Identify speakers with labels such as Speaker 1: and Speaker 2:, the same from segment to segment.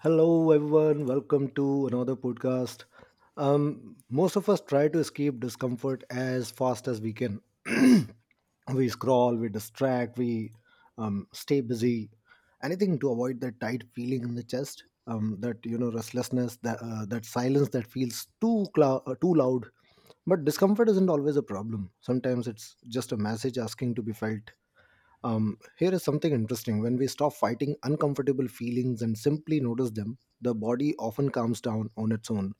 Speaker 1: Hello, everyone. Welcome to another podcast. Most of us try to escape discomfort as fast as we can. We scroll, we distract, we stay busy. Anything to avoid that tight feeling in the chest, that you know restlessness, that silence that feels too loud. But discomfort isn't always a problem. Sometimes it's just a message asking to be felt. Here is something interesting. When we stop fighting uncomfortable feelings and simply notice them, the body often calms down on its own.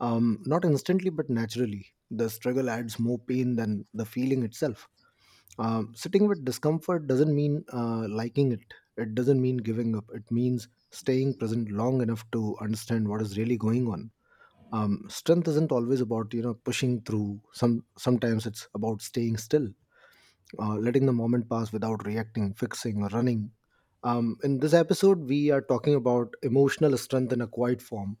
Speaker 1: Not instantly, but naturally. The struggle adds more pain than the feeling itself. Sitting with discomfort doesn't mean liking it, it doesn't mean giving up. It means staying present long enough to understand what is really going on. Strength isn't always about you know pushing through. Sometimes it's about staying still letting the moment pass without reacting, fixing, or running. In this episode, we are talking about emotional strength in a quiet form,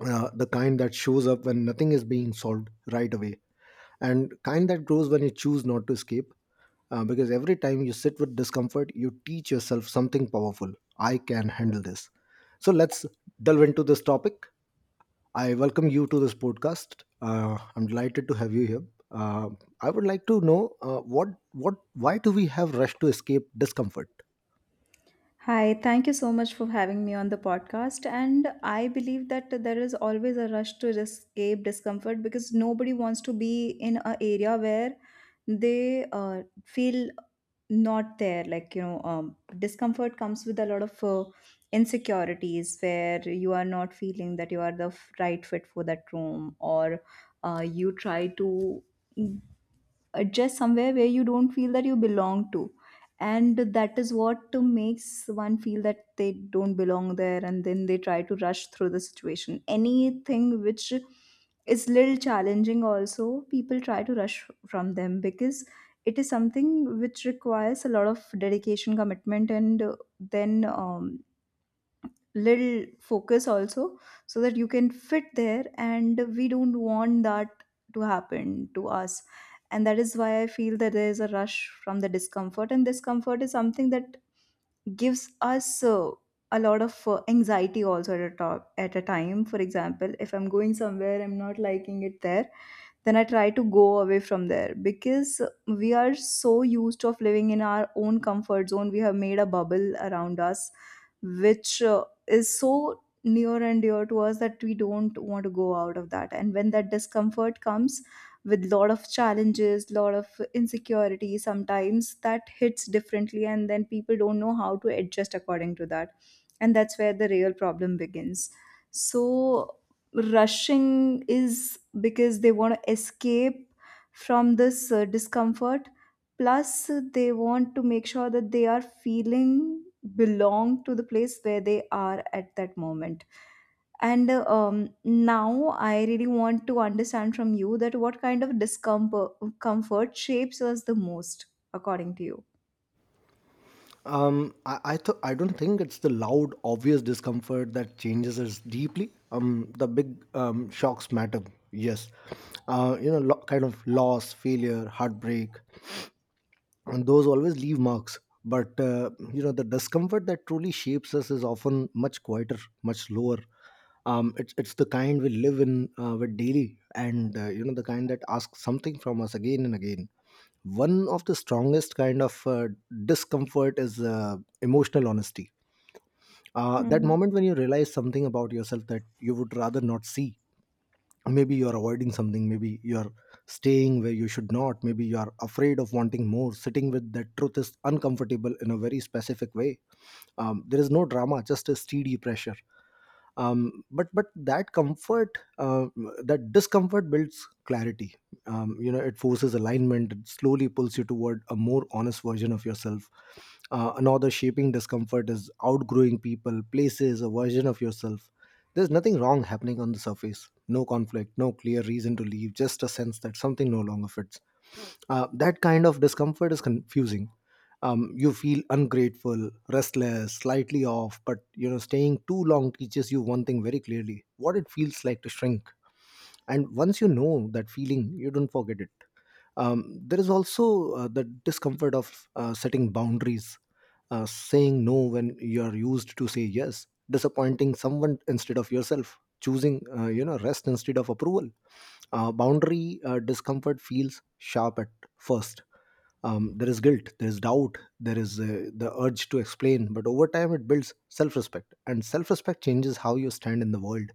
Speaker 1: the kind that shows up when nothing is being solved right away, and kind that grows when you choose not to escape. Because every time you sit with discomfort, you teach yourself something powerful. I can handle this. So let's delve into this topic. I welcome you to this podcast. I'm delighted to have you here. Uh, I would like to know what, why do we have rush to escape discomfort?
Speaker 2: Hi, thank you so much for having me on the podcast. And I believe that there is always a rush to escape discomfort because nobody wants to be in an area where they feel not there. Like, discomfort comes with a lot of insecurities where you are not feeling that you are the right fit for that room or you try to adjust somewhere where you don't feel that you belong to, and that is what makes one feel that they don't belong there, and then they try to rush through the situation. Anything which is little challenging also, people try to rush from them because it is something which requires a lot of dedication, commitment, and then little focus also, so that you can fit there and we don't want that to happen to us. And that is why I feel that there is a rush from the discomfort, and discomfort is something that gives us a lot of anxiety also at a top at a time. For example, if I'm going somewhere, I'm not liking it there, then I try to go away from there because we are so used of living in our own comfort zone. We have made a bubble around us which is so near and dear to us that we don't want to go out of that, and when that discomfort comes with lot of challenges, lot of insecurity, sometimes that hits differently and then people don't know how to adjust according to that, and that's where the real problem begins. So rushing is because they want to escape from this discomfort, plus they want to make sure that they are feeling belong to the place where they are at that moment. And now I really want to understand from you that what kind of discomfort comfort shapes us the most according to
Speaker 1: I don't think it's the loud, obvious discomfort that changes us deeply. The big shocks matter. Yes, you know, kind of loss, failure, heartbreak, and those always leave marks, but you know, the discomfort that truly shapes us is often much quieter, much lower. It's the kind we live in with daily, and you know, the kind that asks something from us again and again. One of the strongest kind of discomfort is emotional honesty. That
Speaker 2: you.
Speaker 1: moment when you realize something about yourself that you would rather not see. Maybe you're avoiding something, maybe you're staying where you should not, maybe you are afraid of wanting more. Sitting with that truth is uncomfortable in a very specific way. There is no drama, just a steady pressure. But that comfort, uh, that discomfort builds clarity. You know, it forces alignment, it slowly pulls you toward a more honest version of yourself. Another shaping discomfort is outgrowing people, places, a version of yourself. There's nothing wrong happening on the surface, no conflict, no clear reason to leave, just a sense that something no longer fits. That kind of discomfort is confusing. You feel ungrateful, restless, slightly off, but you know, staying too long teaches you one thing very clearly: what it feels like to shrink. And once you know that feeling, you don't forget it. There is also the discomfort of setting boundaries. Saying no when you are used to say yes, disappointing someone instead of yourself, choosing you know, rest instead of approval. Boundary discomfort feels sharp at first. There is guilt, there is doubt, there is the urge to explain, but over time it builds self-respect, and self-respect changes how you stand in the world.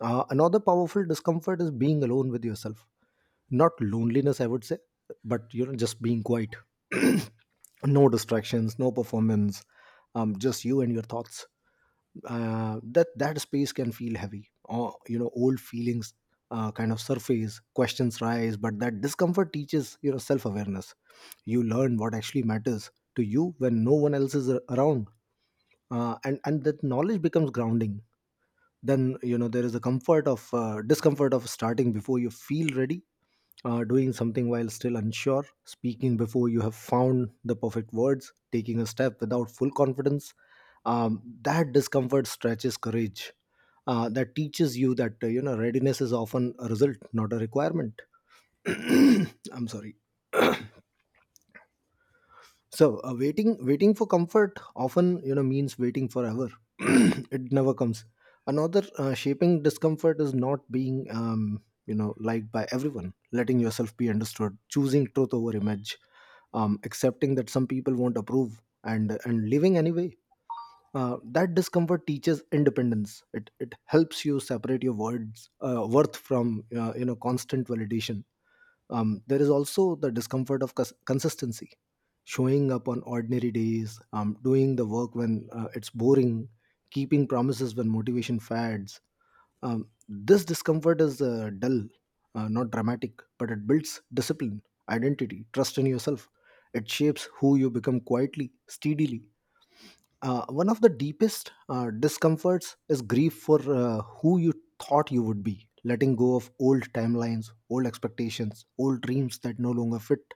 Speaker 1: Another powerful discomfort is being alone with yourself. Not loneliness, I would say, but you know, just being quiet. No distractions, no performance. Just you and your thoughts. That space can feel heavy, or you know, old feelings, kind of surface, questions rise, but that discomfort teaches, you know, self-awareness. You learn what actually matters to you when no one else is around. And that knowledge becomes grounding. Then you know, there is a comfort of discomfort of starting before you feel ready. Doing something while still unsure, speaking before you have found the perfect words, taking a step without full confidence. That discomfort stretches courage. That teaches you that you know, readiness is often a result, not a requirement. I'm sorry. So waiting for comfort often you know means waiting forever. It never comes. Another shaping discomfort is not being you know, liked by everyone, letting yourself be understood, choosing truth over image, accepting that some people won't approve, and living anyway. That discomfort teaches independence, it helps you separate your words, worth from you know, constant validation. There is also the discomfort of consistency, showing up on ordinary days, doing the work when it's boring, keeping promises when motivation fades. This discomfort is dull, not dramatic, but it builds discipline, identity, trust in yourself. It shapes who you become quietly, steadily. One of the deepest discomforts is grief for who you thought you would be. Letting go of old timelines, old expectations, old dreams that no longer fit.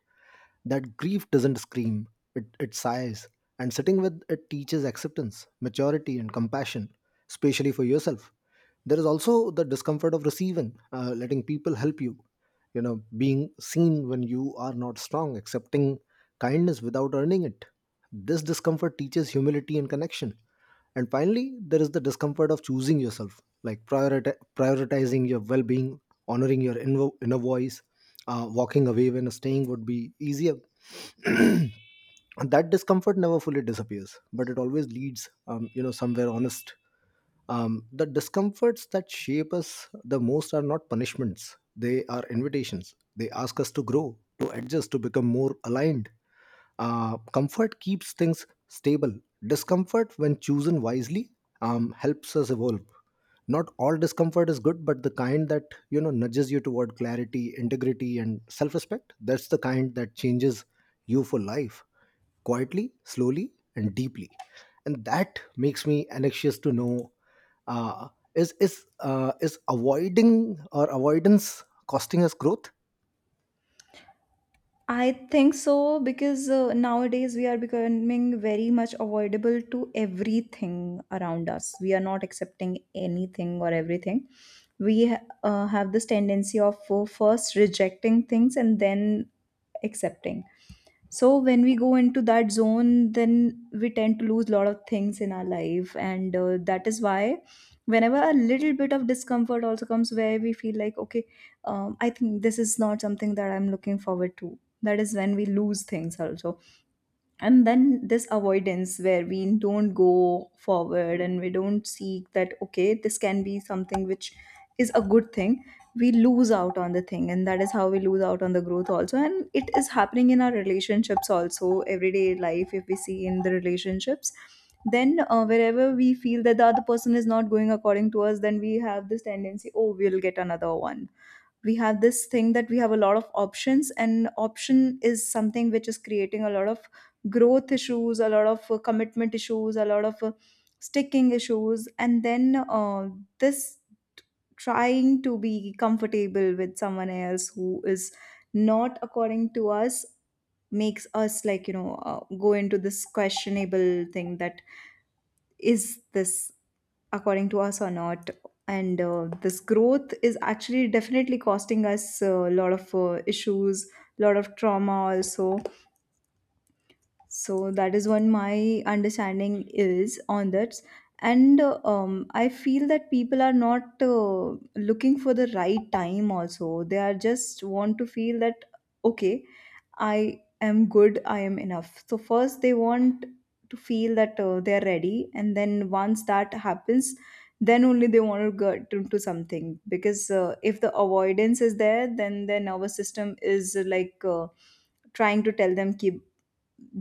Speaker 1: That grief doesn't scream, it sighs. And sitting with it teaches acceptance, maturity, and compassion, especially for yourself. There is also the discomfort of receiving, letting people help you, you know, being seen when you are not strong, accepting kindness without earning it. This discomfort teaches humility and connection. And finally, there is the discomfort of choosing yourself, like prioritizing your well-being, honoring your inner voice, walking away when staying would be easier. And that discomfort never fully disappears, but it always leads you know, somewhere honest. The discomforts that shape us the most are not punishments, they are invitations. They ask us to grow, to adjust, to become more aligned. Comfort keeps things stable. Discomfort, when chosen wisely, helps us evolve. Not all discomfort is good, but the kind that you know nudges you toward clarity, integrity, and self-respect, that's the kind that changes you for life, quietly, slowly, and deeply. And that makes me anxious to know, uh, is avoiding or avoidance costing us growth?
Speaker 2: I think so, because nowadays we are becoming very much avoidable to everything around us. We are not accepting anything or everything. We have this tendency of first rejecting things and then accepting. So when we go into that zone, then we tend to lose a lot of things in our life, and that is why whenever a little bit of discomfort also comes where we feel like, okay, I think this is not something that I'm looking forward to, that is when we lose things also. And then this avoidance where we don't go forward and we don't seek that, okay, this can be something which is a good thing, we lose out on the thing, and that is how we lose out on the growth also. And it is happening in our relationships also. Everyday life, if we see in the relationships, then wherever we feel that the other person is not going according to us, then we have this tendency, oh, we'll get another one. We have this thing that we have a lot of options, and option is something which is creating a lot of growth issues, a lot of commitment issues, a lot of sticking issues. And then this trying to be comfortable with someone else who is not according to us makes us, like, you know, go into this questionable thing that, is this according to us or not? And this growth is actually definitely costing us a lot of issues, a lot of trauma also. So that is what my understanding is on that. And I feel that people are not looking for the right time also. They are just want to feel that, okay, I am good, I am enough. So first they want to feel that they are ready, and then once that happens, then only they want to get into something, because if the avoidance is there, then their nervous system is, trying to tell them, keep,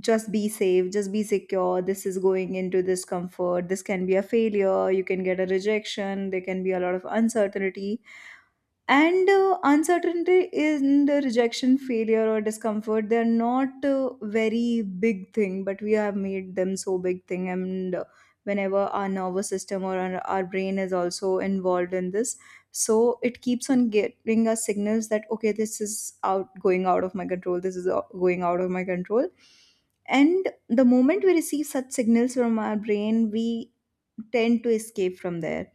Speaker 2: just be safe, just be secure. This is going into discomfort. This can be a failure. You can get a rejection. There can be a lot of uncertainty, and uncertainty and the rejection, failure or discomfort, they're not a very big thing, but we have made them so big thing. And whenever our nervous system or our brain is also involved in this, so it keeps on giving us signals that, okay, this is out, going out of my control, going out of my control. And the moment we receive such signals from our brain, we tend to escape from there.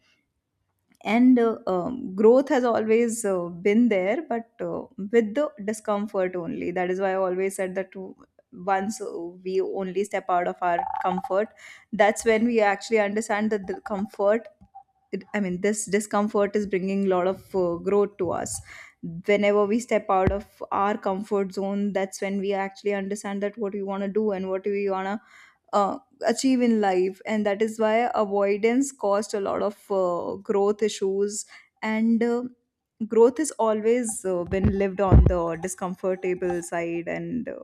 Speaker 2: And growth has always been there, but with the discomfort only. That is why I always said that w- once we only step out of our comfort, that's when we actually understand that the comfort, it, I mean this discomfort is bringing a lot of growth to us. Whenever we step out of our comfort zone, that's when we actually understand that what we want to do and what we want to achieve in life, and that is why avoidance caused a lot of growth issues. And growth has always been lived on the discomfortable side, and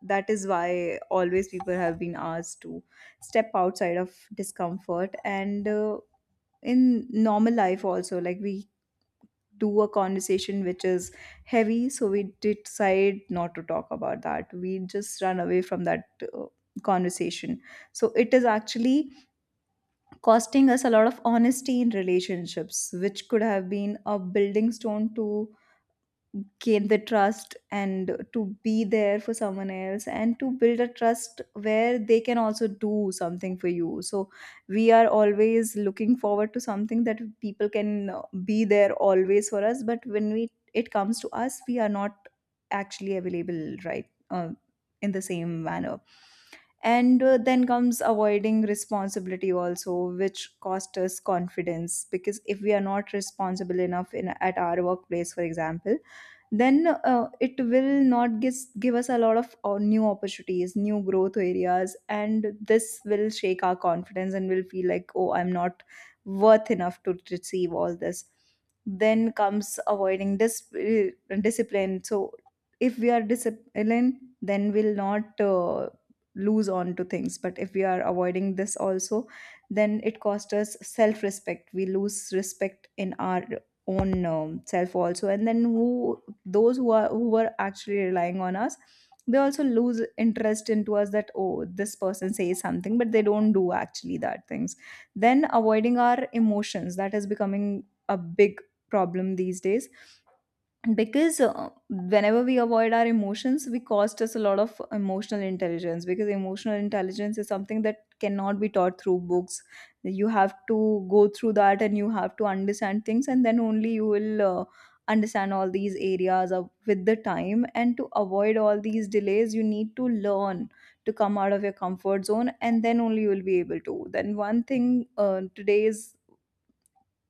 Speaker 2: that is why always people have been asked to step outside of discomfort. And in normal life also, like, we do a conversation which is heavy, so we decide not to talk about that, we just run away from that conversation. So it is actually costing us a lot of honesty in relationships, which could have been a building stone to gain the trust and to be there for someone else and to build a trust where they can also do something for you. So we are always looking forward to something that people can be there always for us, but when we, it comes to us, we are not actually available, right? uh, in the same manner. And then comes avoiding responsibility also, which cost us confidence, because if we are not responsible enough in at our workplace, for example, then it will not give us a lot of new opportunities, new growth areas, and this will shake our confidence and we'll feel like, oh, I'm not worth enough to receive all this. Then comes avoiding discipline. So if we are disciplined, then we'll not lose on to things, but if we are avoiding this also, then it costs us self respect. We lose respect in our own self also, and then who, those who are, who were actually relying on us, they also lose interest into us, that, oh, this person says something but they don't do actually that things. Then avoiding our emotions, that is becoming a big problem these days, because whenever we avoid our emotions, we cost us a lot of emotional intelligence, because emotional intelligence is something that cannot be taught through books. You have to go through that and you have to understand things, and then only you will understand all these areas of, with the time. And to avoid all these delays, you need to learn to come out of your comfort zone, and then only you will be able to. Then one thing today's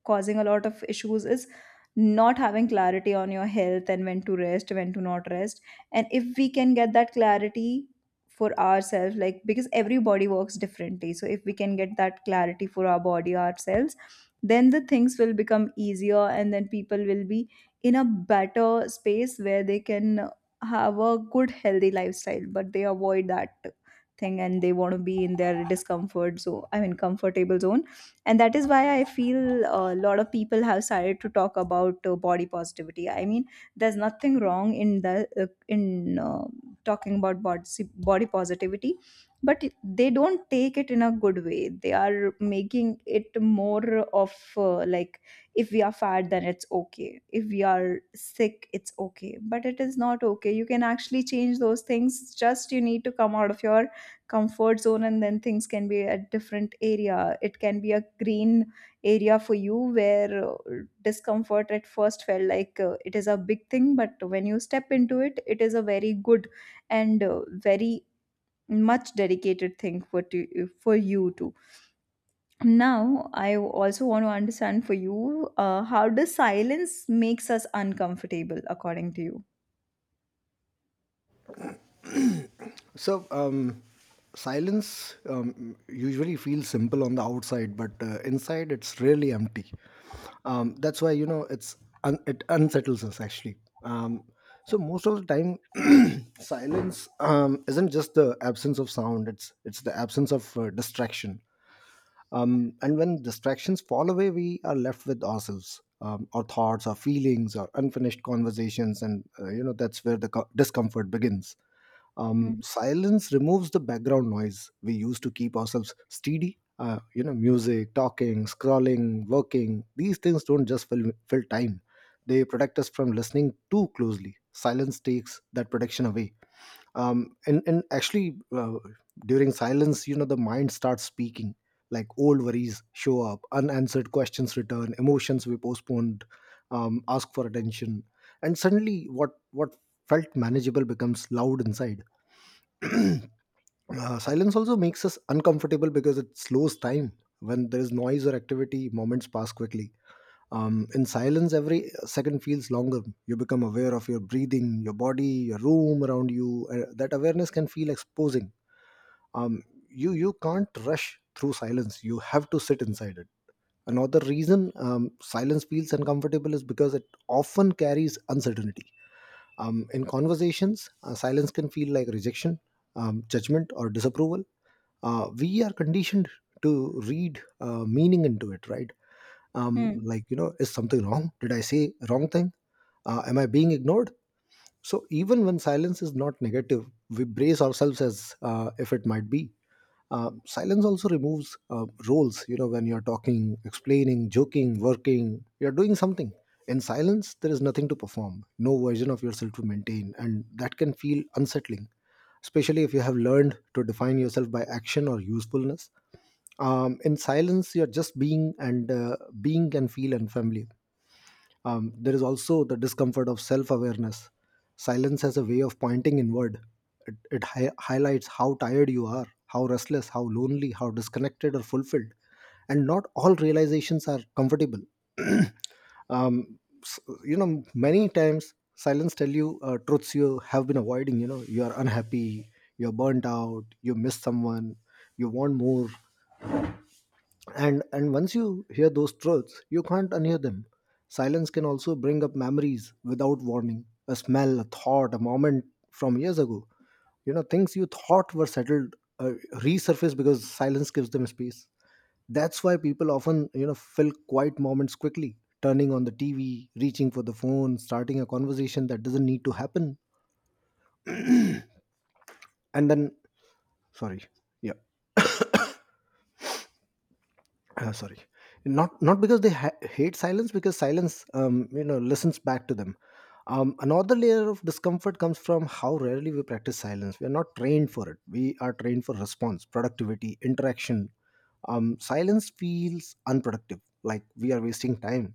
Speaker 2: causing a lot of issues is not having clarity on your health and when to rest, when to not rest. And if we can get that clarity for ourselves, like, because everybody works differently. So if we can get that clarity for our body ourselves, then the things will become easier, and then people will be in a better space where they can have a good healthy lifestyle, but they avoid that thing and they want to be in their discomfort, so I mean comfortable zone. And that is why I feel a lot of people have started to talk about body positivity. I mean, there's nothing wrong in the in talking about body positivity, but they don't take it in a good way. They are making it more of, like, if we are fat then it's okay, if we are sick it's okay, but it is not okay. You can actually change those things. Just you need to come out of your comfort zone, and then things can be a different area. It can be a green area for you, where discomfort at first felt like it is a big thing, but when you step into it, it is a very good and very much dedicated thing for to, for you too. Now I also want to understand for you, how does silence makes us uncomfortable according to you?
Speaker 1: So silence usually feels simple on the outside, but inside it's really empty. That's why you know it's it unsettles us, actually. um, so most of the time silence isn't just the absence of sound, it's the absence of distraction. And when distractions fall away, we are left with ourselves, our thoughts, our feelings, our unfinished conversations, and you know, that's where the discomfort begins.
Speaker 2: Mhm.
Speaker 1: Silence removes the background noise we use to keep ourselves steady. You know, music, talking, scrolling, working. These things don't just fill time; they protect us from listening too closely. Silence takes that protection away, and actually, during silence, you know, the mind starts speaking, like old worries show up, unanswered questions return, emotions we postponed ask for attention, and suddenly what felt manageable becomes loud inside. uh, Silence also makes us uncomfortable because it slows time. When there is noise or activity, moments pass quickly. In silence, every second feels longer. You become aware of your breathing, your body, your room around you. That awareness can feel exposing. Um, you can't rush through silence. You have to sit inside it. Another reason silence feels uncomfortable is because it often carries uncertainty. In conversations, silence can feel like rejection, judgment, or disapproval. We are conditioned to read meaning into it, right? um
Speaker 2: Hmm.
Speaker 1: like you know is something wrong? Did I say wrong thing? Am I being ignored? So even when silence is not negative, we brace ourselves as if it might be. Silence also removes roles. You know, when you're talking, explaining, joking, working, you're doing something. In silence there is nothing to perform, no version of yourself to maintain, and that can feel unsettling, especially if you have learned to define yourself by action or usefulness. In silence you're just being, and being can feel unfamiliar. There is also the discomfort of self-awareness. Silence has a way of pointing inward. It highlights how tired you are, how restless, how lonely, how disconnected or fulfilled, and not all realizations are comfortable. um, s- you know, many times silence tell you truths you have been avoiding. You know you are unhappy, you're burnt out, you miss someone, you want more. And once you hear those truths, you can't unhear them. Silence can also bring up memories without warning, a smell, a thought, a moment from years ago. You know, things you thought were settled resurface because silence gives them space. That's why people often, you know, fill quiet moments quickly, turning on the TV, reaching for the phone, starting a conversation that doesn't need to happen. And then, sorry. Yeah. Sorry. Not because they hate silence, because silence, you know, listens back to them. Another layer of discomfort comes from how rarely we practice silence. We are not trained for it. We are trained for response, productivity, interaction. Silence feels unproductive, like we are wasting time,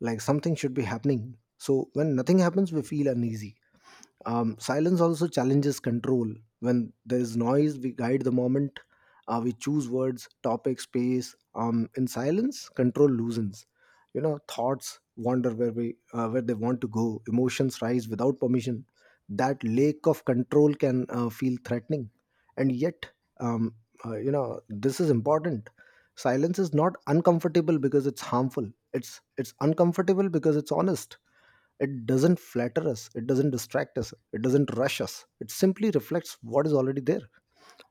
Speaker 1: like something should be happening, so when nothing happens we feel uneasy. Silence also challenges control. When there is noise, we guide the moment. We choose words, topic, space. In silence, control loosens. You know, thoughts wander where we, where they want to go. Emotions rise without permission. That lack of control can, feel threatening, and yet, um, you know, this is important. Silence is not uncomfortable because it's harmful. It's uncomfortable because it's honest. It doesn't flatter us, it doesn't distract us, it doesn't rush us. It simply reflects what is already there.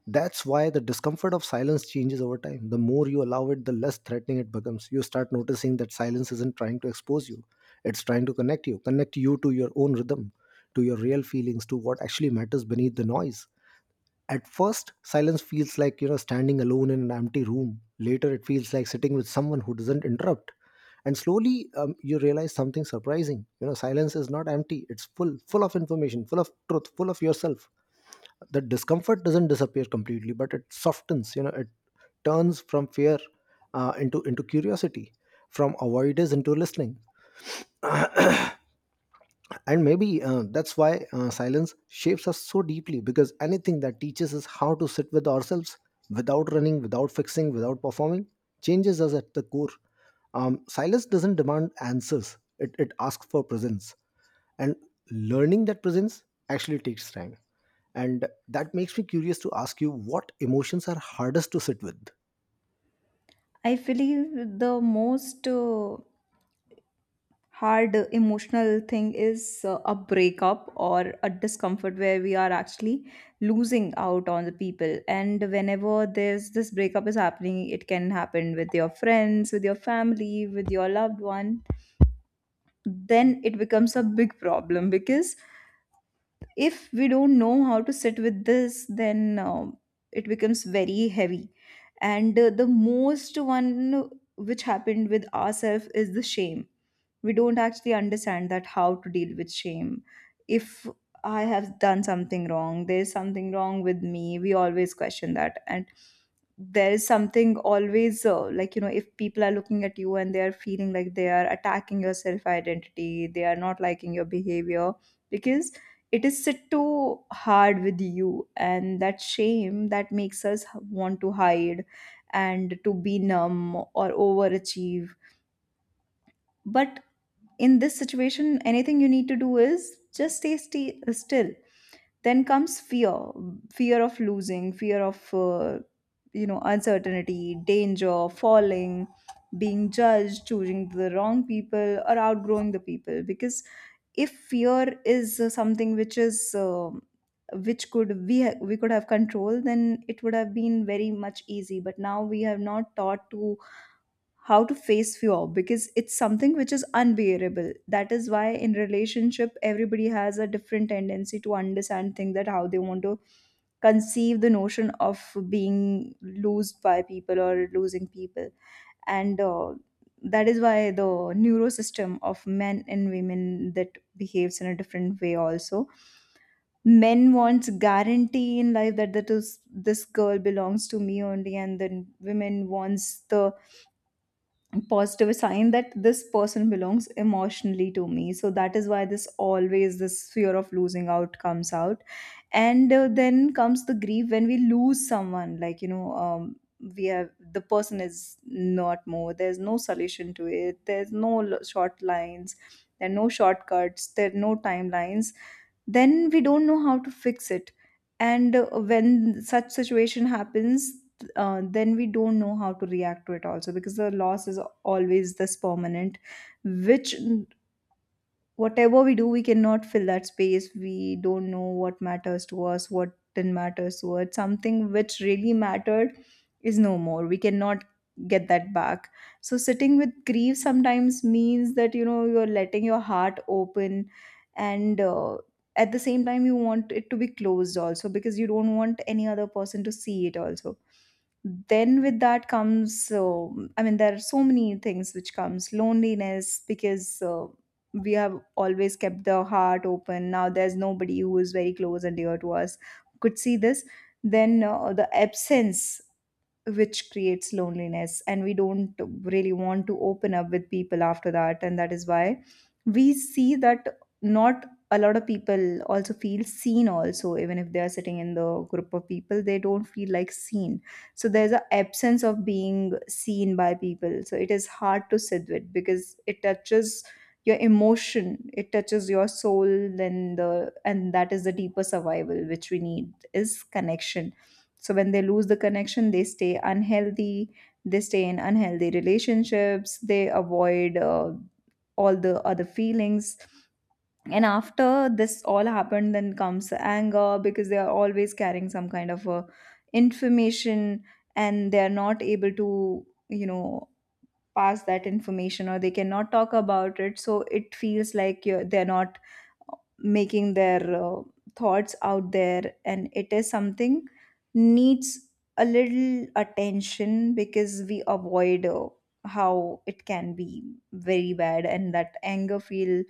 Speaker 1: That's why the discomfort of silence changes over time. The more you allow it, the less threatening it becomes. You start noticing that silence isn't trying to expose you, it's trying to connect you to your own rhythm, to your real feelings, to what actually matters beneath the noise. At first, silence feels like, you know, standing alone in an empty room. Later, it feels like sitting with someone who doesn't interrupt. And slowly, you realize something surprising. You know, silence is not empty; it's full, full of information, full of truth, full of yourself. The discomfort doesn't disappear completely, but it softens. You know, it turns from fear, into curiosity, from avoidance into listening. And maybe that's why silence shapes us so deeply, because anything that teaches us how to sit with ourselves, without running, without fixing, without performing, changes us at the core. Silence doesn't demand answers. It asks for presence, and learning that presence actually takes time. And that makes me curious to ask you, what emotions are hardest to sit with?
Speaker 2: I believe the most hard emotional thing is a breakup or a discomfort where we are actually losing out on the people, and whenever there's this breakup is happening, it can happen with your friends, with your family, with your loved one. Then it becomes a big problem because if we don't know how to sit with this, then it becomes very heavy. And the most one which happened with ourselves is the shame. We don't actually understand that how to deal with shame. If I have done something wrong, there's something wrong with me, we always question that. And there is something always like, you know, if people are looking at you and they are feeling like they are attacking your self identity, they are not liking your behavior, because it is sit too hard with you, and that shame that makes us want to hide and to be numb or overachieve. But in this situation, anything you need to do is just stay still. Then comes fear, fear of losing, fear of you know, uncertainty, danger, falling, being judged, choosing the wrong people, or outgrowing the people. Because if fear is something which is which could we could have control, then it would have been very much easy. But now we have not taught to how to face fear, because it's something which is unbearable. That is why in relationship everybody has a different tendency to understand things, that how they want to conceive the notion of being loosed by people or losing people. And that is why the neurosystem of men and women that behaves in a different way also. Men wants guarantee in life, that that is this girl belongs to me only, and then women wants the positive sign that this person belongs emotionally to me. So that is why this always this fear of losing out comes out. And then comes the grief when we lose someone, like, you know, we have the person is not more, there's no solution to it, there's no short lines, there are no shortcuts, there are no timelines, then we don't know how to fix it. And when such situation happens, then we don't know how to react to it also, because the loss is always this permanent, which whatever we do, we cannot fill that space. We don't know what matters to us, what didn't matter to us. Something which really mattered is no more, we cannot get that back. So sitting with grief sometimes means that, you know, you're letting your heart open, and at the same time you want it to be closed also, because you don't want any other person to see it also. Then with that comes, um, I mean, there are so many things which comes. Loneliness, because we have always kept the heart open. Now there's nobody who is very close and dear to us, could see this. Then the absence which creates loneliness, and we don't really want to open up with people after that. And that is why we see that not a lot of people also feel seen also. Even if they are sitting in the group of people, they don't feel like seen. So there's an absence of being seen by people, so it is hard to sit with because it touches your emotion, it touches your soul. Then the and that is the deeper survival which we need is connection. So when they lose the connection, they stay unhealthy, they stay in unhealthy relationships, they avoid all the other feelings. And after this all happened, then comes anger, because they are always carrying some kind of information, and they are not able to, you know, pass that information, or they cannot talk about it. So it feels like you're, they're not making their thoughts out there, and it is something needs a little attention, because we avoid how it can be very bad. And that anger feel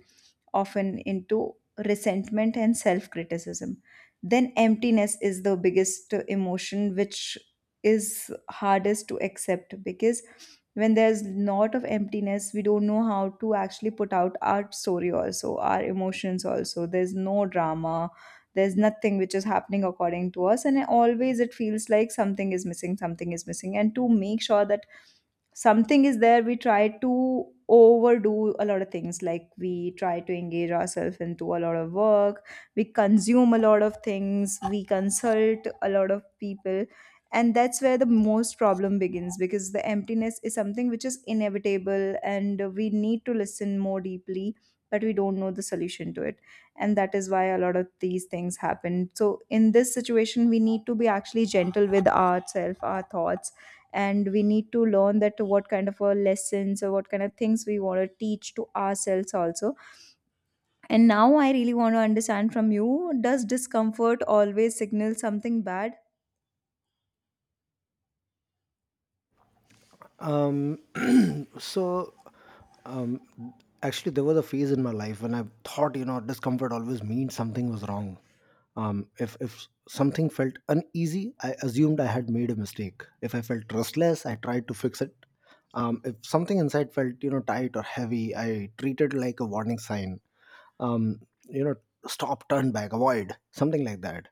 Speaker 2: often into resentment and self criticism. Then emptiness is the biggest emotion which is hardest to accept, because when there's lot of emptiness, we don't know how to actually put out our story also, our emotions also. There's no drama, there's nothing which is happening according to us, and always it feels like something is missing, something is missing. And to make sure that something is there, we try to overdo a lot of things, like we try to engage ourselves into a lot of work, we consume a lot of things, we consult a lot of people. And that's where the most problem begins, because the emptiness is something which is inevitable and we need to listen more deeply, but we don't know the solution to it. And that is why a lot of these things happen. So in this situation we need to be actually gentle with ourselves, our thoughts, and we need to learn that what kind of a lessons or what kind of things we want to teach to ourselves also. And now I really want to understand from you, does discomfort always signal something bad?
Speaker 1: um, so actually, there was a phase in my life when I thought, you know, discomfort always means something was wrong. If something felt uneasy, I assumed I had made a mistake. If I felt restless, I tried to fix it. If something inside felt, you know, tight or heavy, I treated it like a warning sign. You know, stop, turn back, avoid, something like that.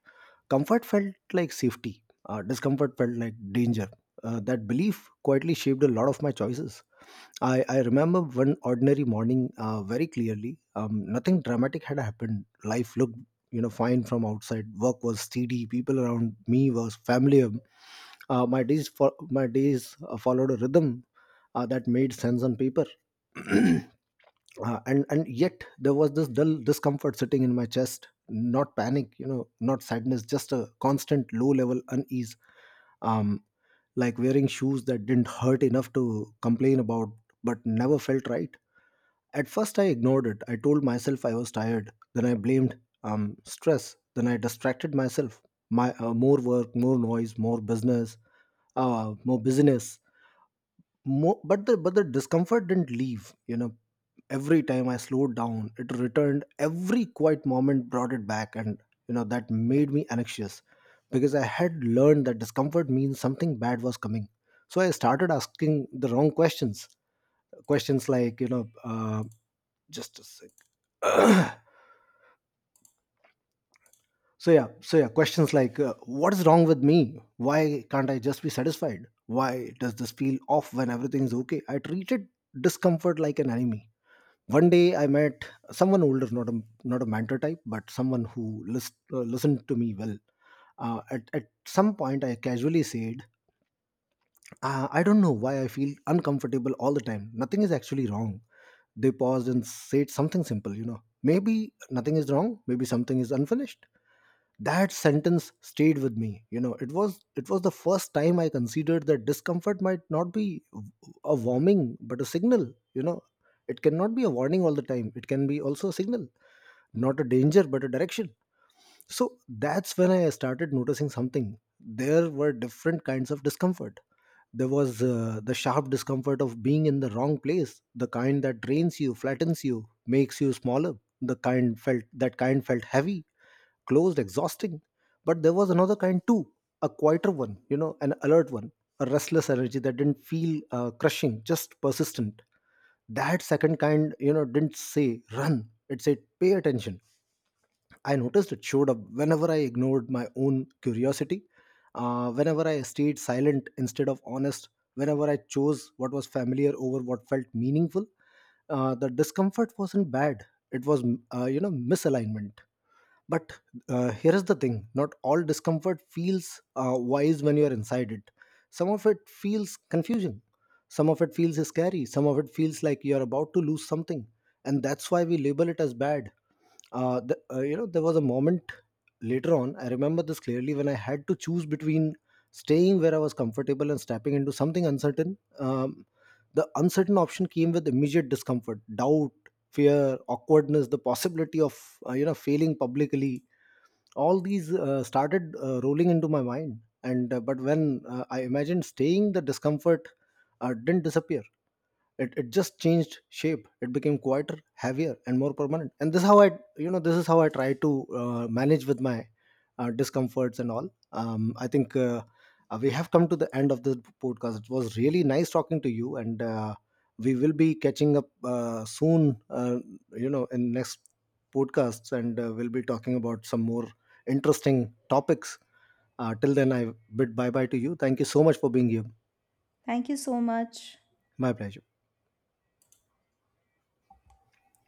Speaker 1: Comfort felt like safety, discomfort felt like danger. That belief quietly shaped a lot of my choices. I remember one ordinary morning very clearly. Nothing dramatic had happened. Life looked, you know, fine from outside. Work was steady. People around me was familiar. My days followed a rhythm that made sense on paper. And yet there was this dull discomfort sitting in my chest, not panic, you know, not sadness, just a constant low level unease, um like wearing shoes that didn't hurt enough to complain about but never felt right. At first I ignored it. I told myself I was tired. Then I blamed um stress. Then I distracted myself. My More work, more noise, more business, more business. But the discomfort didn't leave. You know, every time I slowed down, it returned. Every quiet moment brought it back, and you know, that made me anxious, because I had learned that discomfort means something bad was coming. So I started asking the wrong questions. Questions like, you know, just a sec. So yeah, questions like, what is wrong with me? Why can't I just be satisfied? Why does this feel off when everything's okay? I treated discomfort like an enemy. One day I met someone older, not a mentor type, but someone who listened to me well. At some point, I casually said, I don't know why I feel uncomfortable all the time. Nothing is actually wrong. They paused and said something simple. You know, maybe nothing is wrong, maybe something is unfinished. That sentence stayed with me. You know, it was the first time I considered that discomfort might not be a warning but a signal. You know, it cannot be a warning all the time. It can be also a signal, not a danger but a direction. So that's when I started noticing something. There were different kinds of discomfort. There was the sharp discomfort of being in the wrong place, the kind that drains you, flattens you, makes you smaller. The kind felt That kind felt heavy, closed, exhausting. But there was another kind too, a quieter one, you know, an alert one, a restless energy that didn't feel crushing, just persistent. That second kind, you know, didn't say run. It said pay attention. I noticed it showed up whenever I ignored my own curiosity, whenever I stayed silent instead of honest, whenever I chose what was familiar over what felt meaningful. The discomfort wasn't bad; it was, you know, misalignment. But here is the thing: not all discomfort feels wise when you are inside it. Some of it feels confusion. Some of it feels scary. Some of it feels like you are about to lose something, and that's why we label it as bad. You know, there was a moment later on, I remember this clearly, when I had to choose between staying where I was comfortable and stepping into something uncertain. The uncertain option came with immediate discomfort, doubt, fear, awkwardness, the possibility of, you know, failing publicly. All these started rolling into my mind, and but when I imagined staying, the discomfort didn't disappear. It just changed shape. It became quieter, heavier, and more permanent. And this is how I, you know, this is how I try to manage with my discomforts and all. I think we have come to the end of this podcast. It was really nice talking to you, and we will be catching up soon, you know, in next podcasts, and we'll be talking about some more interesting topics. Till then I bid bye bye to you. Thank you so much for being here.
Speaker 2: Thank you so much.
Speaker 1: My pleasure.